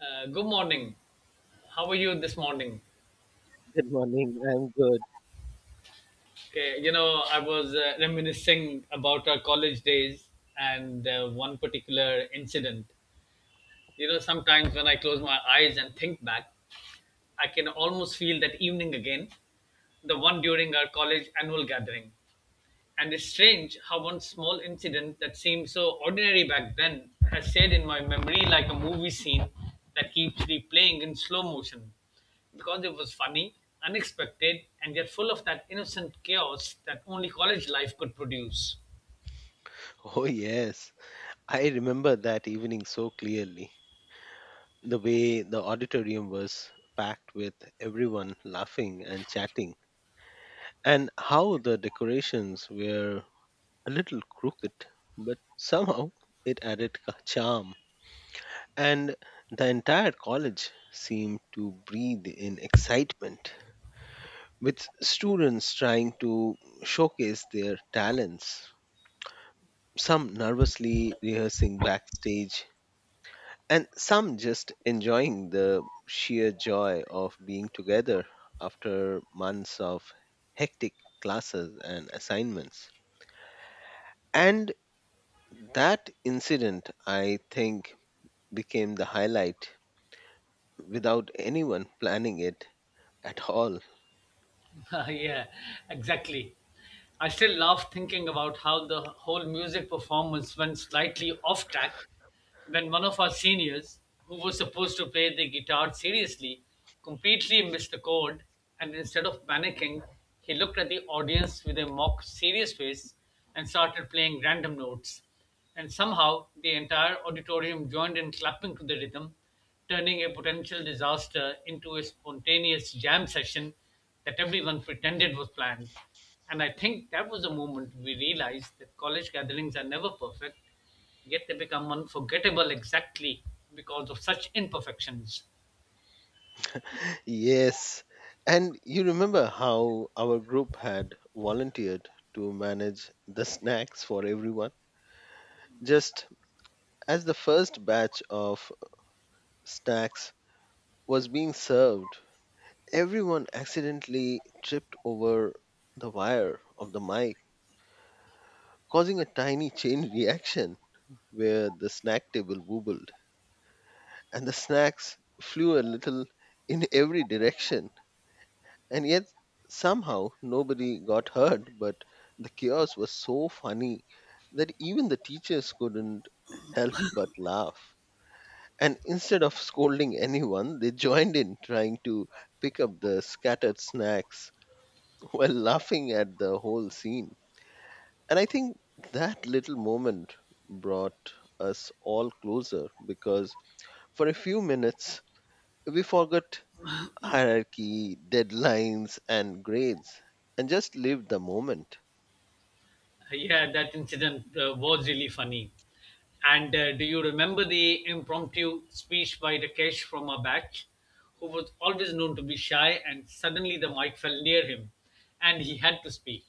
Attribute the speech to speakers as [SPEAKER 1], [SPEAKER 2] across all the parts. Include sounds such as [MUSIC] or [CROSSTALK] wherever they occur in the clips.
[SPEAKER 1] Good morning. How are you this morning?
[SPEAKER 2] Good morning. I'm good.
[SPEAKER 1] Okay, you know, I was reminiscing about our college days and one particular incident. You know, sometimes when I close my eyes and think back, I can almost feel that evening again, the one during our college annual gathering. And it's strange how one small incident that seemed so ordinary back then has stayed in my memory like a movie scene that keeps replaying in slow motion because it was funny, unexpected, and yet full of that innocent chaos that only college life could produce.
[SPEAKER 2] [LAUGHS] Oh, yes. I remember that evening so clearly. The way the auditorium was packed with everyone laughing and chatting, and how the decorations were a little crooked, but somehow it added charm. And the entire college seemed to breathe in excitement, with students trying to showcase their talents some nervously rehearsing backstage and some just enjoying the sheer joy of being together after months of hectic classes and assignments. And that incident, I think, became the highlight without anyone planning it at all. [LAUGHS]
[SPEAKER 1] [LAUGHS] Yeah, exactly. I still laugh thinking about how the whole music performance went slightly off track when one of our seniors, who was supposed to play the guitar seriously, completely missed the chord and instead of panicking, he looked at the audience with a mock serious face and started playing random notes and somehow the entire auditorium joined in clapping to the rhythm, turning a potential disaster into a spontaneous jam session that everyone pretended was planned. And I think that was the moment we realized that college gatherings are never perfect, yet they become unforgettable exactly because of such imperfections.
[SPEAKER 2] Yes. And you remember how our group had volunteered to manage the snacks for everyone? Just as the first batch of snacks was being served, everyone accidentally tripped over the wire of the mic, causing a tiny chain [LAUGHS] reaction where the snack table wobbled and the snacks flew a little in every direction. And yet, somehow, nobody got hurt, but the chaos was so funny that even the teachers couldn't help but laugh. And instead of scolding anyone, they joined in trying to pick up the scattered snacks while laughing at the whole scene. And I think that little moment brought us all closer because for a few minutes we forgot hierarchy, deadlines, and grades and just lived the moment.
[SPEAKER 1] Yeah, that incident was really funny. And do you remember the impromptu speech by Rakesh from our batch, who was always known to be shy, and suddenly the mic fell near him and he had to speak?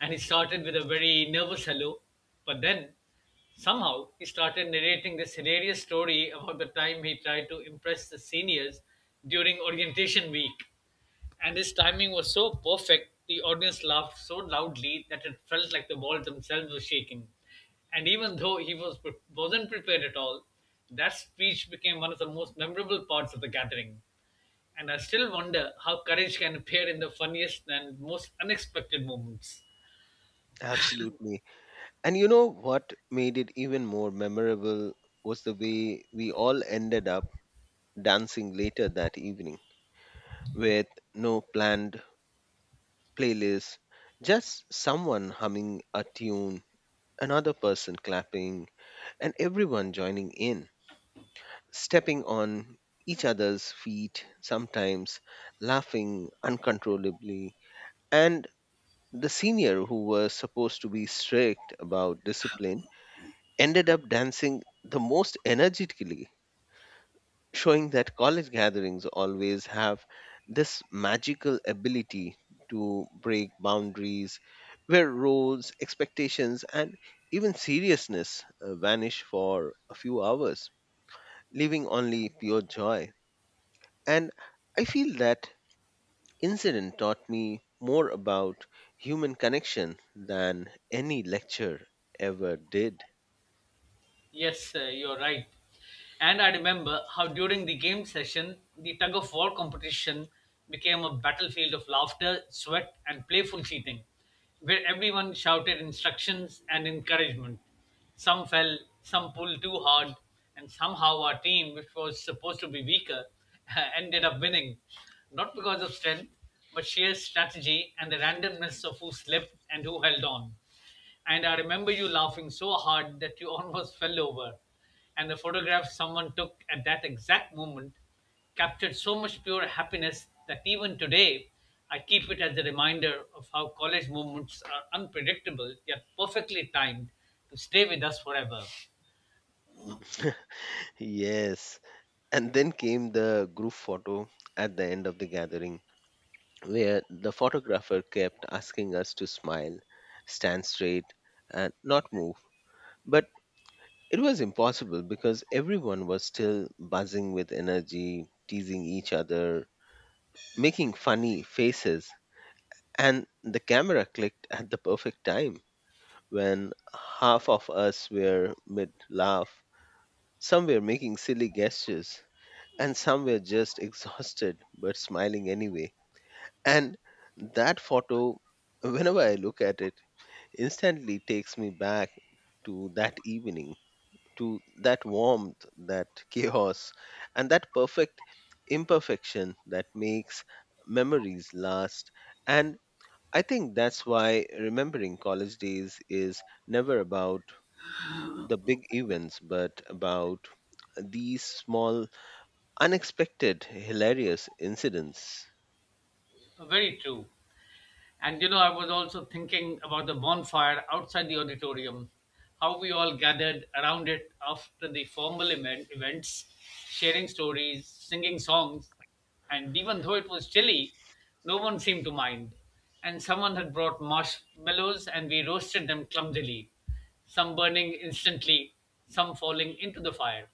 [SPEAKER 1] And he started with a very nervous hello, but then somehow he started narrating this hilarious story about the time he tried to impress the seniors during orientation week, and his timing was so perfect the audience laughed so loudly that it felt like the walls themselves were shaking. And even though he was wasn't prepared at all, that speech became one of the most memorable parts of the gathering, and I still wonder how courage can appear in the funniest and most unexpected moments.
[SPEAKER 2] Absolutely. And you know what made it even more memorable was the way we all ended up dancing later that evening with no planned playlist, just someone humming a tune another person clapping, and everyone joining in, stepping on each other's feet, sometimes laughing uncontrollably. And the senior, who was supposed to be strict about discipline, ended up dancing the most energetically showing that college gatherings always have this magical ability to break boundaries where roles, expectations, and even seriousness vanish for a few hours, leaving only pure joy. And I feel that incident taught me more about human connection than any lecture ever did. [LAUGHS]
[SPEAKER 1] Yes, you're right. And I remember how during the game session, the tug of war competition became a battlefield of laughter, sweat, and playful cheating, where everyone shouted instructions and encouragement. Some fell, some pulled too hard, and somehow our team, which was supposed to be weaker, [LAUGHS] ended up winning. Not because of strength, but sheer strategy and the randomness of who slipped and who held on. And I remember you laughing so hard that you [LAUGHS] almost fell over. And the photograph someone took at that exact moment captured so much pure happiness that even today I keep it as a reminder of how college moments are unpredictable yet perfectly timed to stay with us forever.
[SPEAKER 2] Yes. And then came the group photo at the end of the gathering where the photographer kept asking us to smile, stand straight, and not move. But it was impossible because everyone was still buzzing with energy, teasing each other, making funny faces, and the camera clicked at the perfect time when half of us were mid laugh, some were making silly gestures, and some were just exhausted but smiling anyway. And that photo, whenever I look at it, instantly takes me back to that evening, to that warmth, that chaos, and that perfect imperfection that makes memories last. And I think that's why remembering college days is never about the big events, but about these small, unexpected, hilarious incidents.
[SPEAKER 1] Very true. And you know, I was also thinking about the bonfire outside the auditorium, how we all gathered around it after the formal event, events, sharing stories, singing songs, and even though it was chilly, no one seemed to mind. And someone had brought marshmallows and we roasted them clumsily, some burning instantly, some falling into the fire.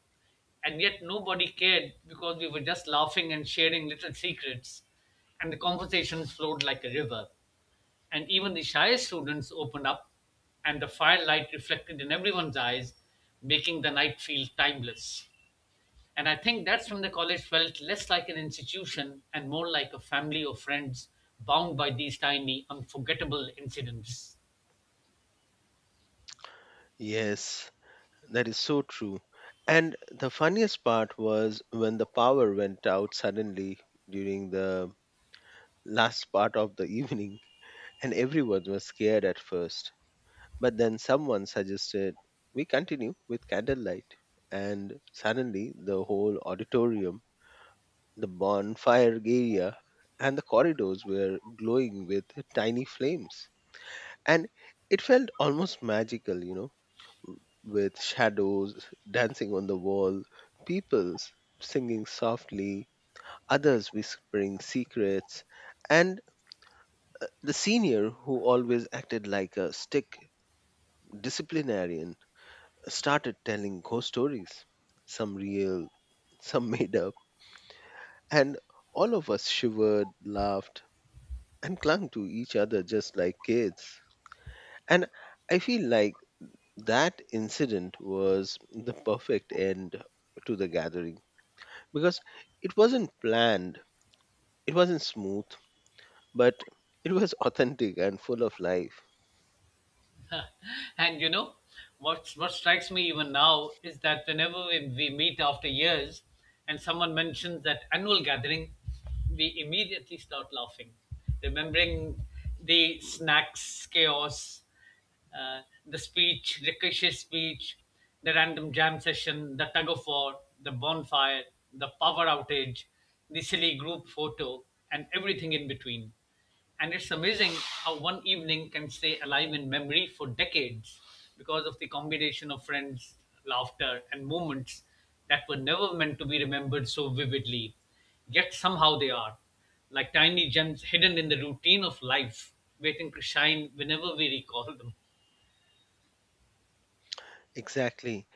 [SPEAKER 1] And yet nobody cared because we were just laughing and sharing little secrets, and the conversations flowed like a river and even the shyest students opened up, and the firelight reflected in everyone's eyes, making the night feel timeless. And I think that's when the college felt less like an institution and more like a family of friends bound by these tiny, unforgettable incidents.
[SPEAKER 2] Yes, that is so true. And the funniest part was when the power went out suddenly during the last part of the [LAUGHS] evening, and everyone was scared at first. But then someone suggested we continue with candlelight, and suddenly the whole auditorium, the bonfire area, and the corridors were glowing with tiny flames. And it felt almost magical, with shadows dancing on the wall, people singing softly, others whispering secrets, and the senior who always acted like a stick disciplinarian started telling ghost stories, some real, some [LAUGHS] made up, and all of us shivered, laughed, and clung to each other just like kids. And I feel like that incident was the perfect end to the gathering because it wasn't planned, it wasn't smooth, but it was [LAUGHS] authentic and full of life.
[SPEAKER 1] [LAUGHS] And you know, what strikes me even now is that whenever we meet after years, and someone mentions that annual gathering, we immediately start laughing, remembering the snacks chaos, the speech, Rikishi's speech, the random jam session, the tug of war, the bonfire, the power outage, the silly group photo, and everything in between. And it's amazing how one evening can stay alive in memory for decades because of the combination of friends, laughter, and moments that were never meant to be remembered so vividly, yet somehow they are, like tiny gems hidden in the routine of life, waiting to shine whenever we recall them.
[SPEAKER 2] Exactly.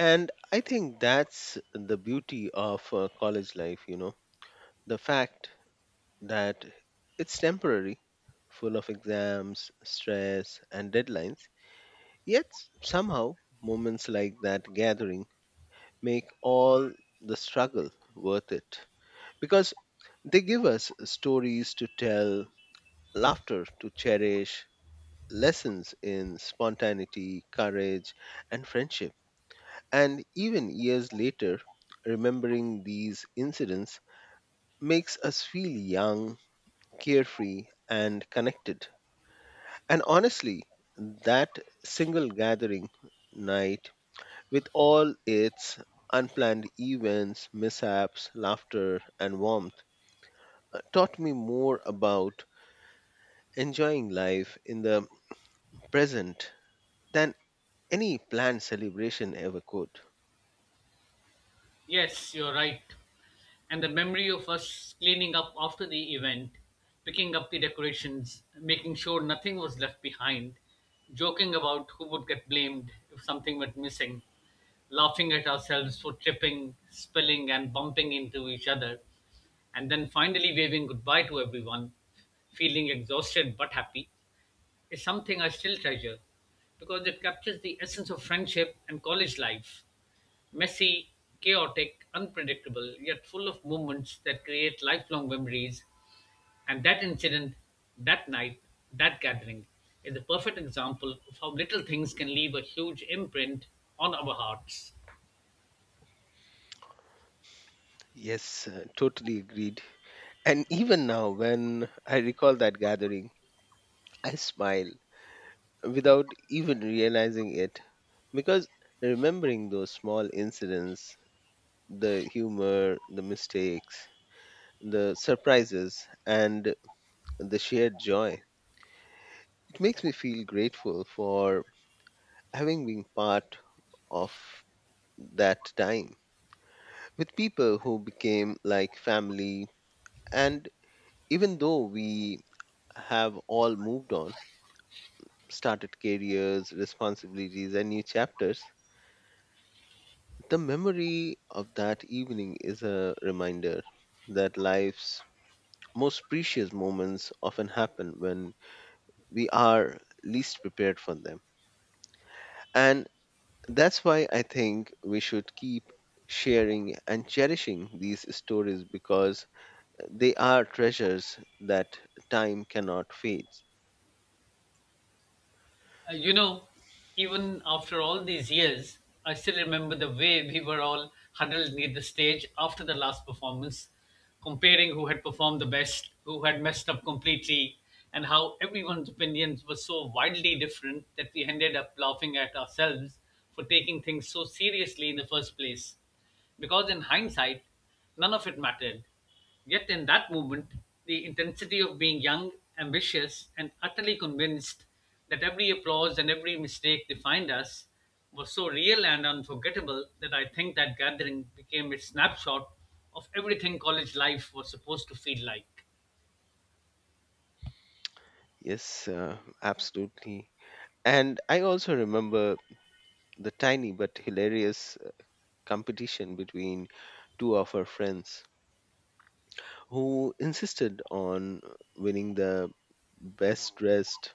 [SPEAKER 2] And I think that's the beauty of college life, the fact that it's temporary, full of exams, stress, and deadlines. Yet somehow, moments like that gathering make all the struggle worth it because they give us stories to tell, laughter to cherish, lessons in spontaneity, courage, and friendship. And even years later, remembering these incidents makes us feel young, carefree, and connected. And honestly, that single gathering night, with all its unplanned events, mishaps, laughter, and warmth, taught me more about enjoying life in the present than any planned celebration ever could.
[SPEAKER 1] Yes, you're right. And the memory of us cleaning up after the event, picking up the decorations, making sure nothing was left behind, joking about who would get blamed if something went missing, laughing at ourselves for tripping, spilling, and bumping into each other, and then finally waving goodbye to everyone, feeling exhausted but happy, is something I still treasure because it captures the essence of friendship and college life messy, chaotic, unpredictable, yet full of moments that create lifelong memories. And that incident, that night, that gathering is a perfect example of how little things can leave a huge imprint on our hearts.
[SPEAKER 2] Yes, totally agreed. And even now, when I recall that gathering, I smile without even realizing it because remembering those small incidents, the humor, the mistakes, the surprises, and the shared joy, it makes me feel grateful for having been part of that time with people who became like family. And even though we have all moved on, started careers, responsibilities, and new chapters, the memory of that evening is a reminder that life's most precious moments often happen when we are least prepared for them. And that's why I think we should keep sharing and cherishing these stories because they are treasures that time cannot fade.
[SPEAKER 1] You know, even after all these years, I still remember the way we were all huddled near the stage after the last performance, comparing who had performed the best, who had messed up completely, and how everyone's opinions were so wildly different that we ended up laughing at ourselves for taking things so seriously in the first place because in hindsight, none of it mattered. Yet in that moment, the intensity of being young, ambitious, and utterly convinced that every applause and every mistake defined us was so real and unforgettable that I think that gathering became a snapshot of everything college life was supposed to feel like.
[SPEAKER 2] Yes, absolutely. And I also remember the tiny but hilarious competition between two of her friends who insisted on winning the best dressed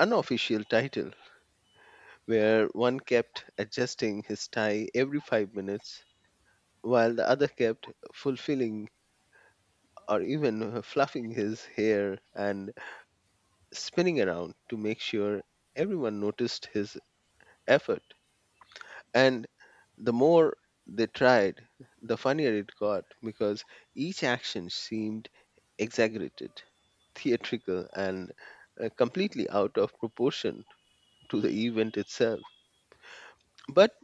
[SPEAKER 2] unofficial title, where one kept adjusting his tie every 5 minutes while the other kept fulfilling or even fluffing his hair and spinning around to make sure everyone noticed his effort. And the more they tried, the funnier it got because each action seemed exaggerated, theatrical, and completely out of proportion to the event itself. But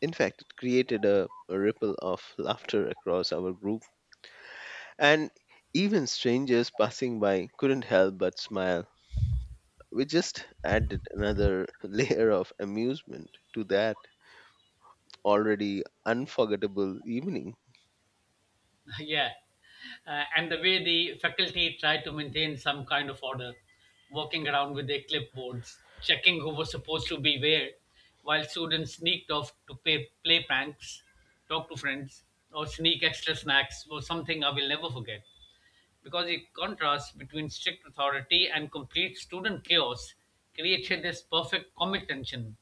[SPEAKER 2] in fact, it created a ripple of laughter across our group, and even strangers passing by couldn't help but smile. We just added another [LAUGHS] layer of amusement to that already unforgettable evening.
[SPEAKER 1] [LAUGHS] Yeah. And the way the faculty tried to maintain some kind of order, walking around with their clipboards, checking who was supposed to be where, while students sneaked off to pay, play pranks, talk to friends, or sneak extra snacks was something I will never forget because the contrast between strict authority and complete student chaos created this perfect comic tension.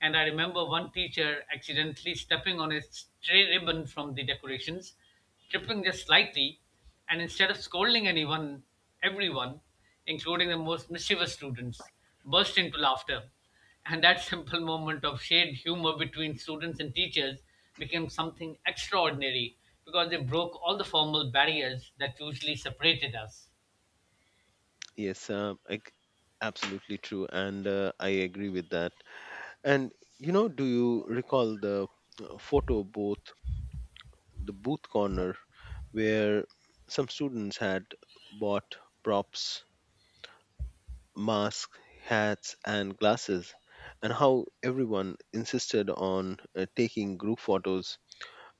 [SPEAKER 1] And I remember one teacher accidentally stepping on a stray ribbon from the decorations, tripping just slightly, and instead of scolding anyone, everyone, including the most mischievous students, burst into laughter and that simple moment of shared humor between students and teachers became something extraordinary because it broke all the formal barriers that usually separated us.
[SPEAKER 2] Yes, absolutely true, and I agree with that. And do you recall the photo booth, the booth corner, where some students had bought props, masks, hats, and glasses, and how everyone insisted on taking group photos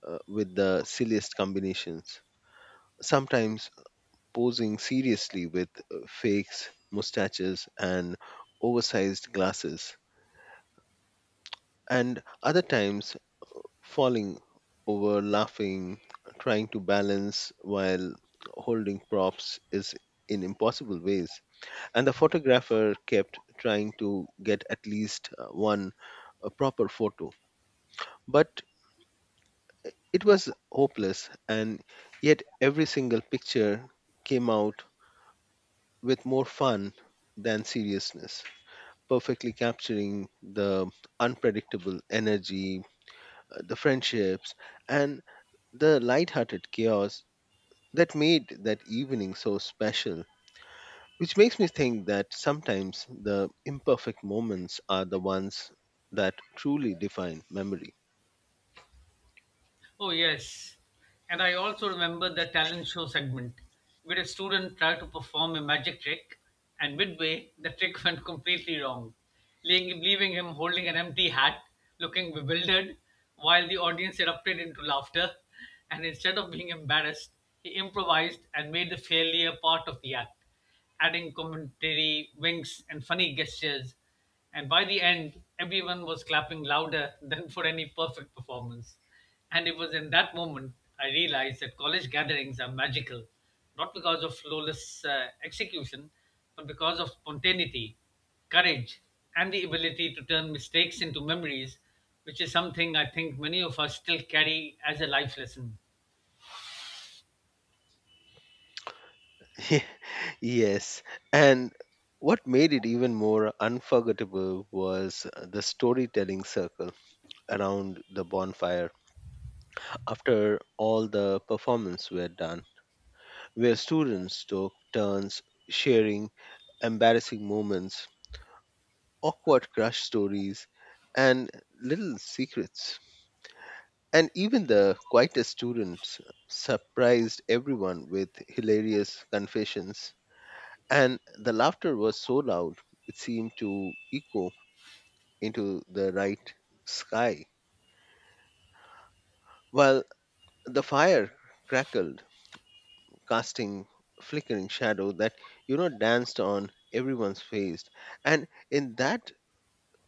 [SPEAKER 2] with the silliest combinations, sometimes posing seriously with fakes, mustaches, and oversized glasses. And other times falling over laughing trying to balance while holding props is in impossible ways and the photographer kept trying to get at least one proper photo but it was hopeless and yet every single picture came out with more fun than seriousness perfectly capturing the unpredictable energy, the friendships and the light-hearted chaos that made that evening so special, which makes me think that sometimes the imperfect moments are the ones that truly define memory.
[SPEAKER 1] Oh, yes. And I also remember the talent show segment where a student tried to perform a magic trick, and midway, the trick [LAUGHS] went completely wrong, leaving him holding an empty hat, looking bewildered, while the audience erupted into laughter. And instead of being embarrassed, he improvised and made the failure part of the act, adding commentary, winks, and funny gestures. And by the end, everyone was clapping louder than for any perfect performance. And it was in that moment I realized that college gatherings are magical, not because of flawless execution, but because of spontaneity, courage, and the ability to turn mistakes into memories, which is something I think many of us still carry as a life lesson.
[SPEAKER 2] [LAUGHS] Yes, and what made it even more unforgettable was the storytelling circle around the bonfire after all the performance were done, where students took turns sharing embarrassing moments awkward crush stories, and little secrets. And even the quietest students surprised everyone with hilarious confessions. And the laughter was so loud, it seemed to echo into the night sky, while the fire crackled, casting flickering shadow that danced on everyone's face. And in that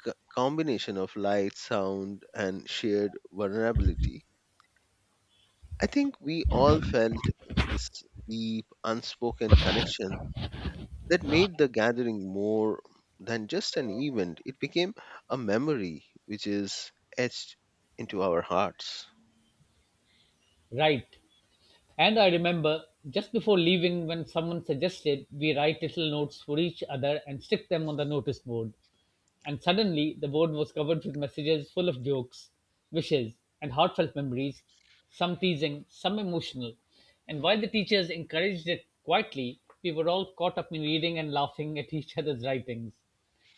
[SPEAKER 2] combination of light, sound, and shared vulnerability, I think we all felt this deep, unspoken connection that made the gathering more than just an event. It became a memory which is etched into our hearts.
[SPEAKER 1] Right. And I remember just before leaving when someone suggested we write little notes for each other and stick them on the notice board. And suddenly the board was covered with messages full of jokes, wishes, and heartfelt memories, some teasing, some emotional. And while the teachers encouraged it quietly, we were all caught up in reading and laughing at each other's writings.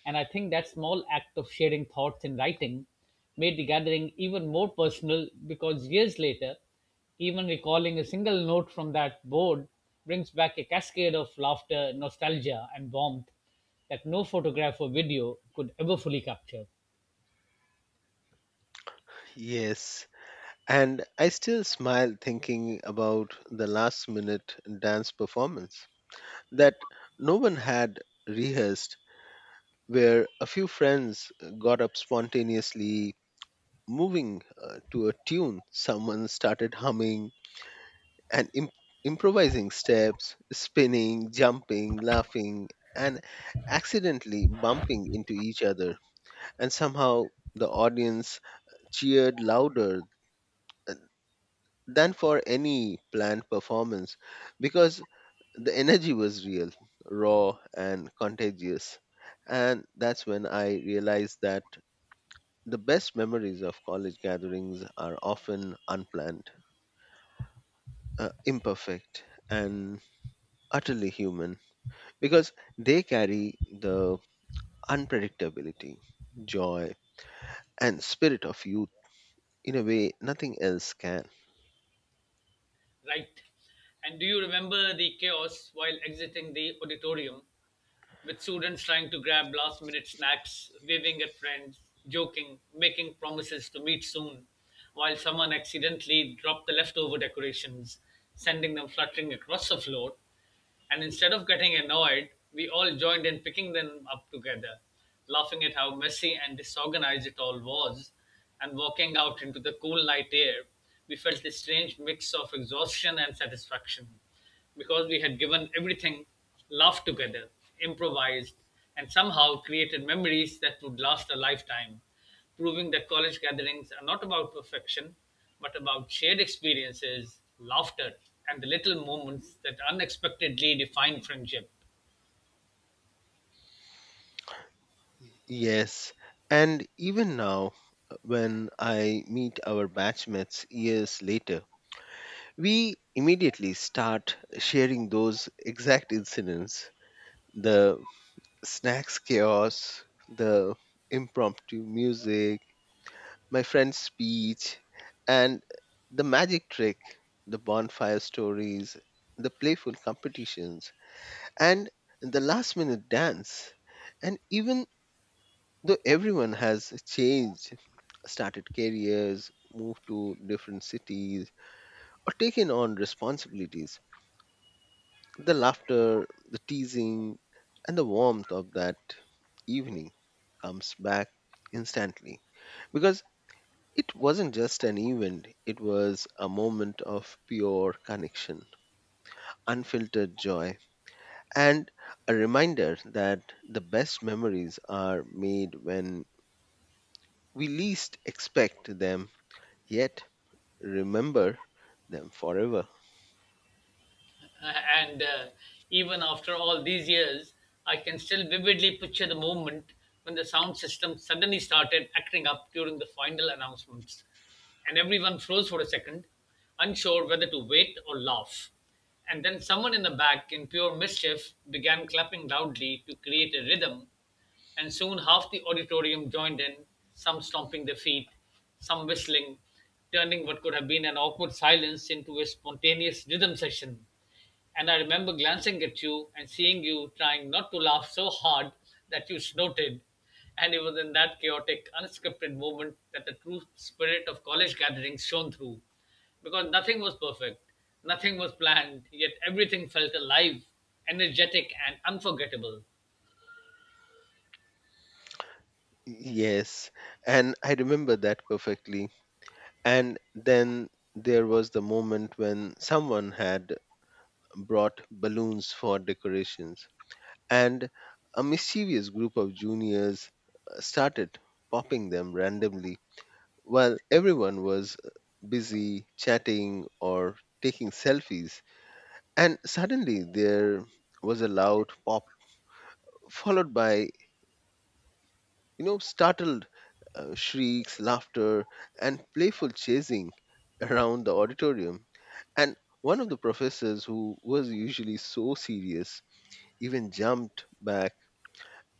[SPEAKER 1] And I think that small act of sharing thoughts in writing made the gathering even more personal because years later, even recalling a single note from that board brings back a cascade of laughter, nostalgia, and warmth that no photograph or video could ever fully capture.
[SPEAKER 2] Yes. And I still smile thinking about the last minute dance performance that no one had rehearsed, where a few friends got up spontaneously, moving to a tune someone started humming and improvising steps, spinning, jumping, laughing, and accidentally bumping into each other. And somehow the audience cheered louder uh, than for any planned performance because the energy was real, raw, and contagious. And that's when I realized that the best memories of college gatherings are often unplanned, imperfect, and utterly human, because they carry the unpredictability, joy, and spirit of youth in a way nothing else can.
[SPEAKER 1] Right. And do you remember the chaos while exiting the auditorium, with students trying to grab last minute snacks, waving at friends, joking, making promises to meet soon, while someone accidentally dropped the leftover decorations, sending them fluttering across the floor? And instead of getting annoyed, we all joined in picking them up together, laughing at how messy and disorganized it all was. And walking out into the cool night air, we felt a strange mix of exhaustion and satisfaction because we had given everything, laughed together, improvised, and somehow created memories that would last a lifetime, proving that college gatherings are not about perfection, but about shared experiences, laughter, and the little moments that unexpectedly define friendship.
[SPEAKER 2] Yes, and even now, when I meet our batchmates years later, we immediately start sharing those exact incidents the snacks chaos, the impromptu music, my friend's speech, and the magic trick, the bonfire stories, the playful competitions, and the last minute dance. And even though everyone has changed, started careers, moved to different cities, or taken on responsibilities, the laughter, the teasing, and the warmth of that evening comes back instantly because it wasn't just an event, it was a moment of pure connection, unfiltered joy, and a reminder that the best memories are made when we least expect them, yet remember them forever.
[SPEAKER 1] [LAUGHS] And even after all these years, I can still vividly picture the moment when the sound system suddenly started acting up during the final announcements, and everyone froze for a second, unsure whether to wait or laugh. And then someone in the back, in pure mischief, began clapping loudly to create a rhythm and soon half the auditorium joined in, some stomping their feet, some whistling, turning what could have been an awkward silence into a spontaneous rhythm session. And I remember glancing at you and seeing you trying not to laugh so hard that you snorted. And it was in that chaotic, unscripted moment that the true spirit of college gatherings shone through. Because nothing was perfect, nothing was planned, yet everything felt alive, energetic, and unforgettable.
[SPEAKER 2] Yes, and I remember that perfectly. And then there was the moment when someone had brought balloons for decorations and a mischievous group of juniors started popping them randomly while everyone was busy chatting or taking selfies and suddenly there was a loud pop followed by startled shrieks laughter and playful chasing around the auditorium and one of the professors who was usually so serious even jumped back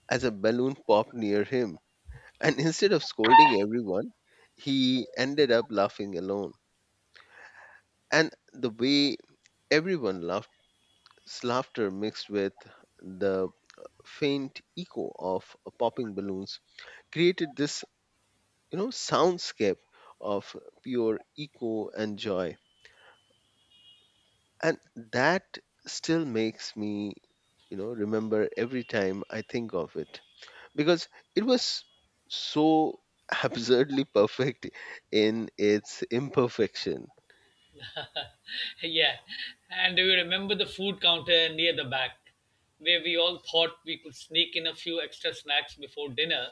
[SPEAKER 2] as a balloon popped near him. And instead of scolding everyone, he ended up laughing alone. And the way everyone laughed, his laughter mixed with the faint echo of popping balloons created this, soundscape of pure echo and joy. And that still makes me, remember every time I think of it because it was so [LAUGHS] absurdly perfect in its imperfection.
[SPEAKER 1] [LAUGHS] Yeah. And do you remember the food counter near the back, where we all thought we could sneak in a few extra snacks before dinner,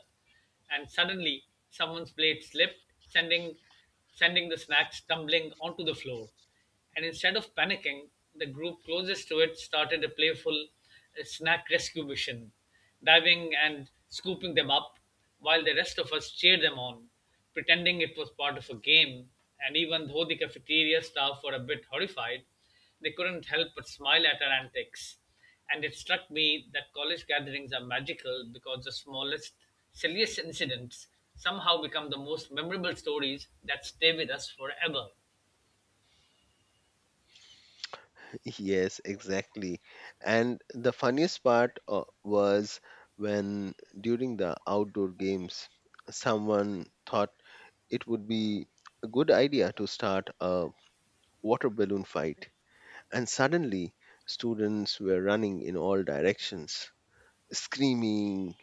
[SPEAKER 1] and suddenly someone's blade slipped, sending the snacks tumbling onto the floor? And instead of panicking, the group closest to it started a playful snack rescue mission, diving and scooping them up, while the rest of us cheered them on pretending it was part of a game, and even though the cafeteria staff were a bit horrified, they couldn't help but smile at our antics. And it struck me that college gatherings are magical because the smallest, silliest incidents somehow become the most memorable stories that stay with us forever.
[SPEAKER 2] Yes, exactly. And the funniest part was when during the outdoor games, someone thought it would be a good idea to start a water balloon fight. And suddenly, students were running in all directions, screaming,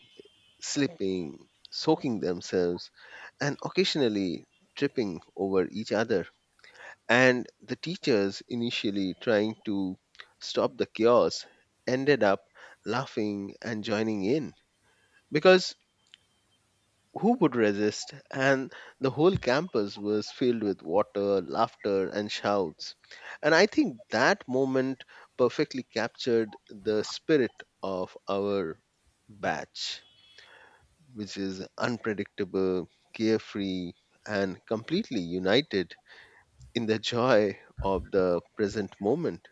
[SPEAKER 2] slipping, soaking themselves, and occasionally tripping over each other. And the teachers, initially trying to stop the chaos, ended up laughing and joining in because who would resist? And the whole campus was filled with water, laughter, and shouts. And I think that moment perfectly captured the spirit of our batch, which is unpredictable, carefree, and completely united in the joy of the present moment,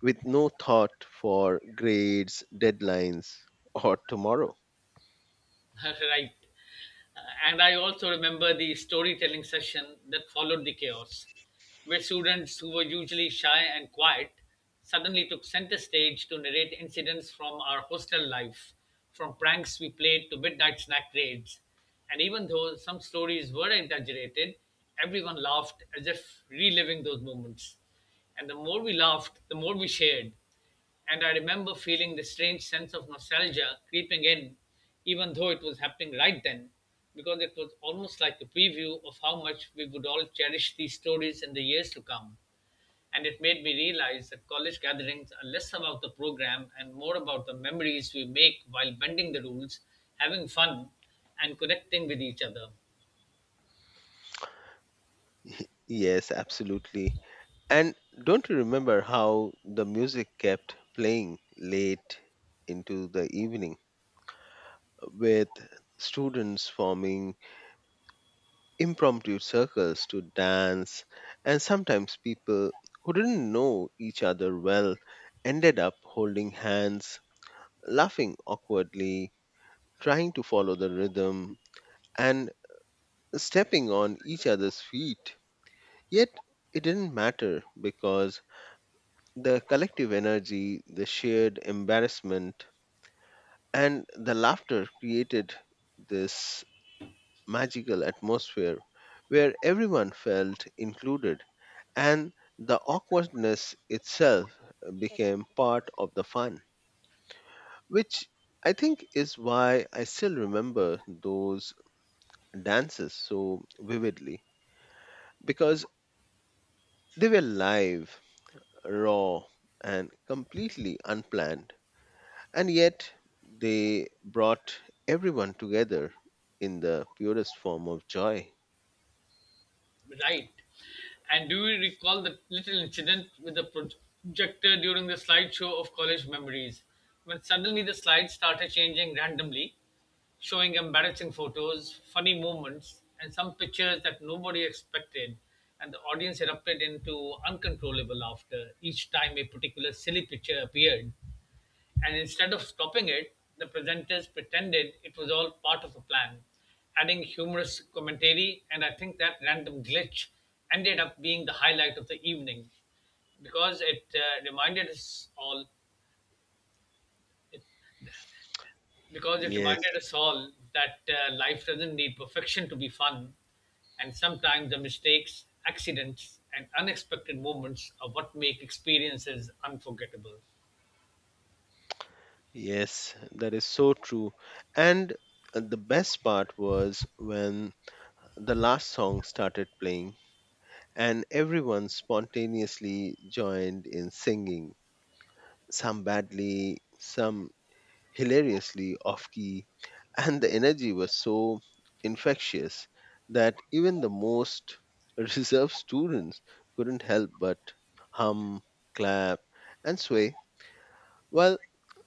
[SPEAKER 2] with no thought for grades, deadlines, or tomorrow.
[SPEAKER 1] [LAUGHS] Right. Uh, and I also remember the storytelling session that followed the chaos, where students who were usually shy and quiet suddenly took center stage to narrate incidents from our hostel life, from pranks we played to midnight snack raids. And even though some stories were exaggerated, everyone laughed as if reliving those moments. And the more we laughed, the more we shared. And I remember feeling this strange sense of nostalgia creeping in, even though it was happening right then, because it was almost like a preview of how much we would all cherish these stories in the years to come. And it made me realize that college gatherings are less about the program and more about the memories we make while bending the rules, having fun, and connecting with each other.
[SPEAKER 2] Yes, absolutely. And don't you remember how the music kept playing late into the evening with students forming impromptu circles to dance? And sometimes people who didn't know each other well ended up holding hands, laughing awkwardly, trying to follow the rhythm, and stepping on each other's feet. Yet it didn't matter because the collective energy, the shared embarrassment, and the laughter created this magical atmosphere where everyone felt included and the awkwardness itself became part of the fun, which I think is why I still remember those dances so vividly because they were live raw, and completely unplanned. And yet, they brought everyone together in the purest form of joy.
[SPEAKER 1] Right. And do you recall the little incident with the projector during the slideshow of college memories, when suddenly the slides started changing randomly, showing embarrassing photos, funny moments, and some pictures that nobody expected, and the audience erupted into uncontrollable laughter each time a particular silly picture appeared? And instead of stopping it, the presenters pretended it was all part of a plan, adding humorous commentary. And I think that random glitch ended up being the highlight of the evening because it uh, reminded us all because it reminded
[SPEAKER 2] Yes,
[SPEAKER 1] us all that life doesn't need perfection to be fun, and sometimes the mistakes accidents and unexpected moments are what make experiences unforgettable.
[SPEAKER 2] yes, that is so true. And the best part was when the last song started playing and everyone spontaneously joined in singing, some badly, some hilariously off key, and the energy was so infectious that even the most [LAUGHS] reserved students couldn't help but hum, clap, and sway, while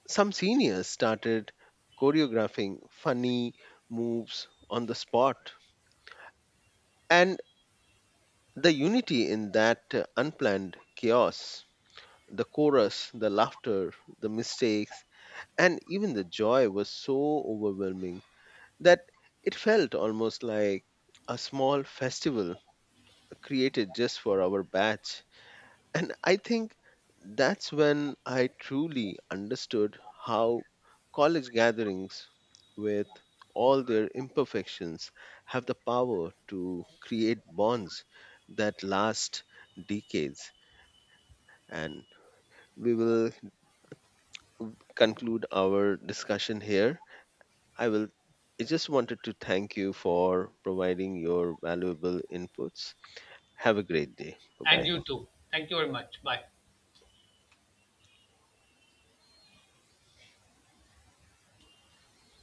[SPEAKER 2] some seniors started choreographing funny moves on the spot. And the unity in that unplanned chaos, the chorus, the laughter, the mistakes, and even the joy was so overwhelming that it felt almost like a small festival created just for our batch. And I think that's when I truly understood how college gatherings, with all their imperfections, have the power to create bonds that last decades. And we will conclude our discussion here. I will. I just wanted to thank you for providing your valuable inputs. Have a great day. Bye
[SPEAKER 1] And
[SPEAKER 2] bye.
[SPEAKER 1] you too, thank you very much. Bye.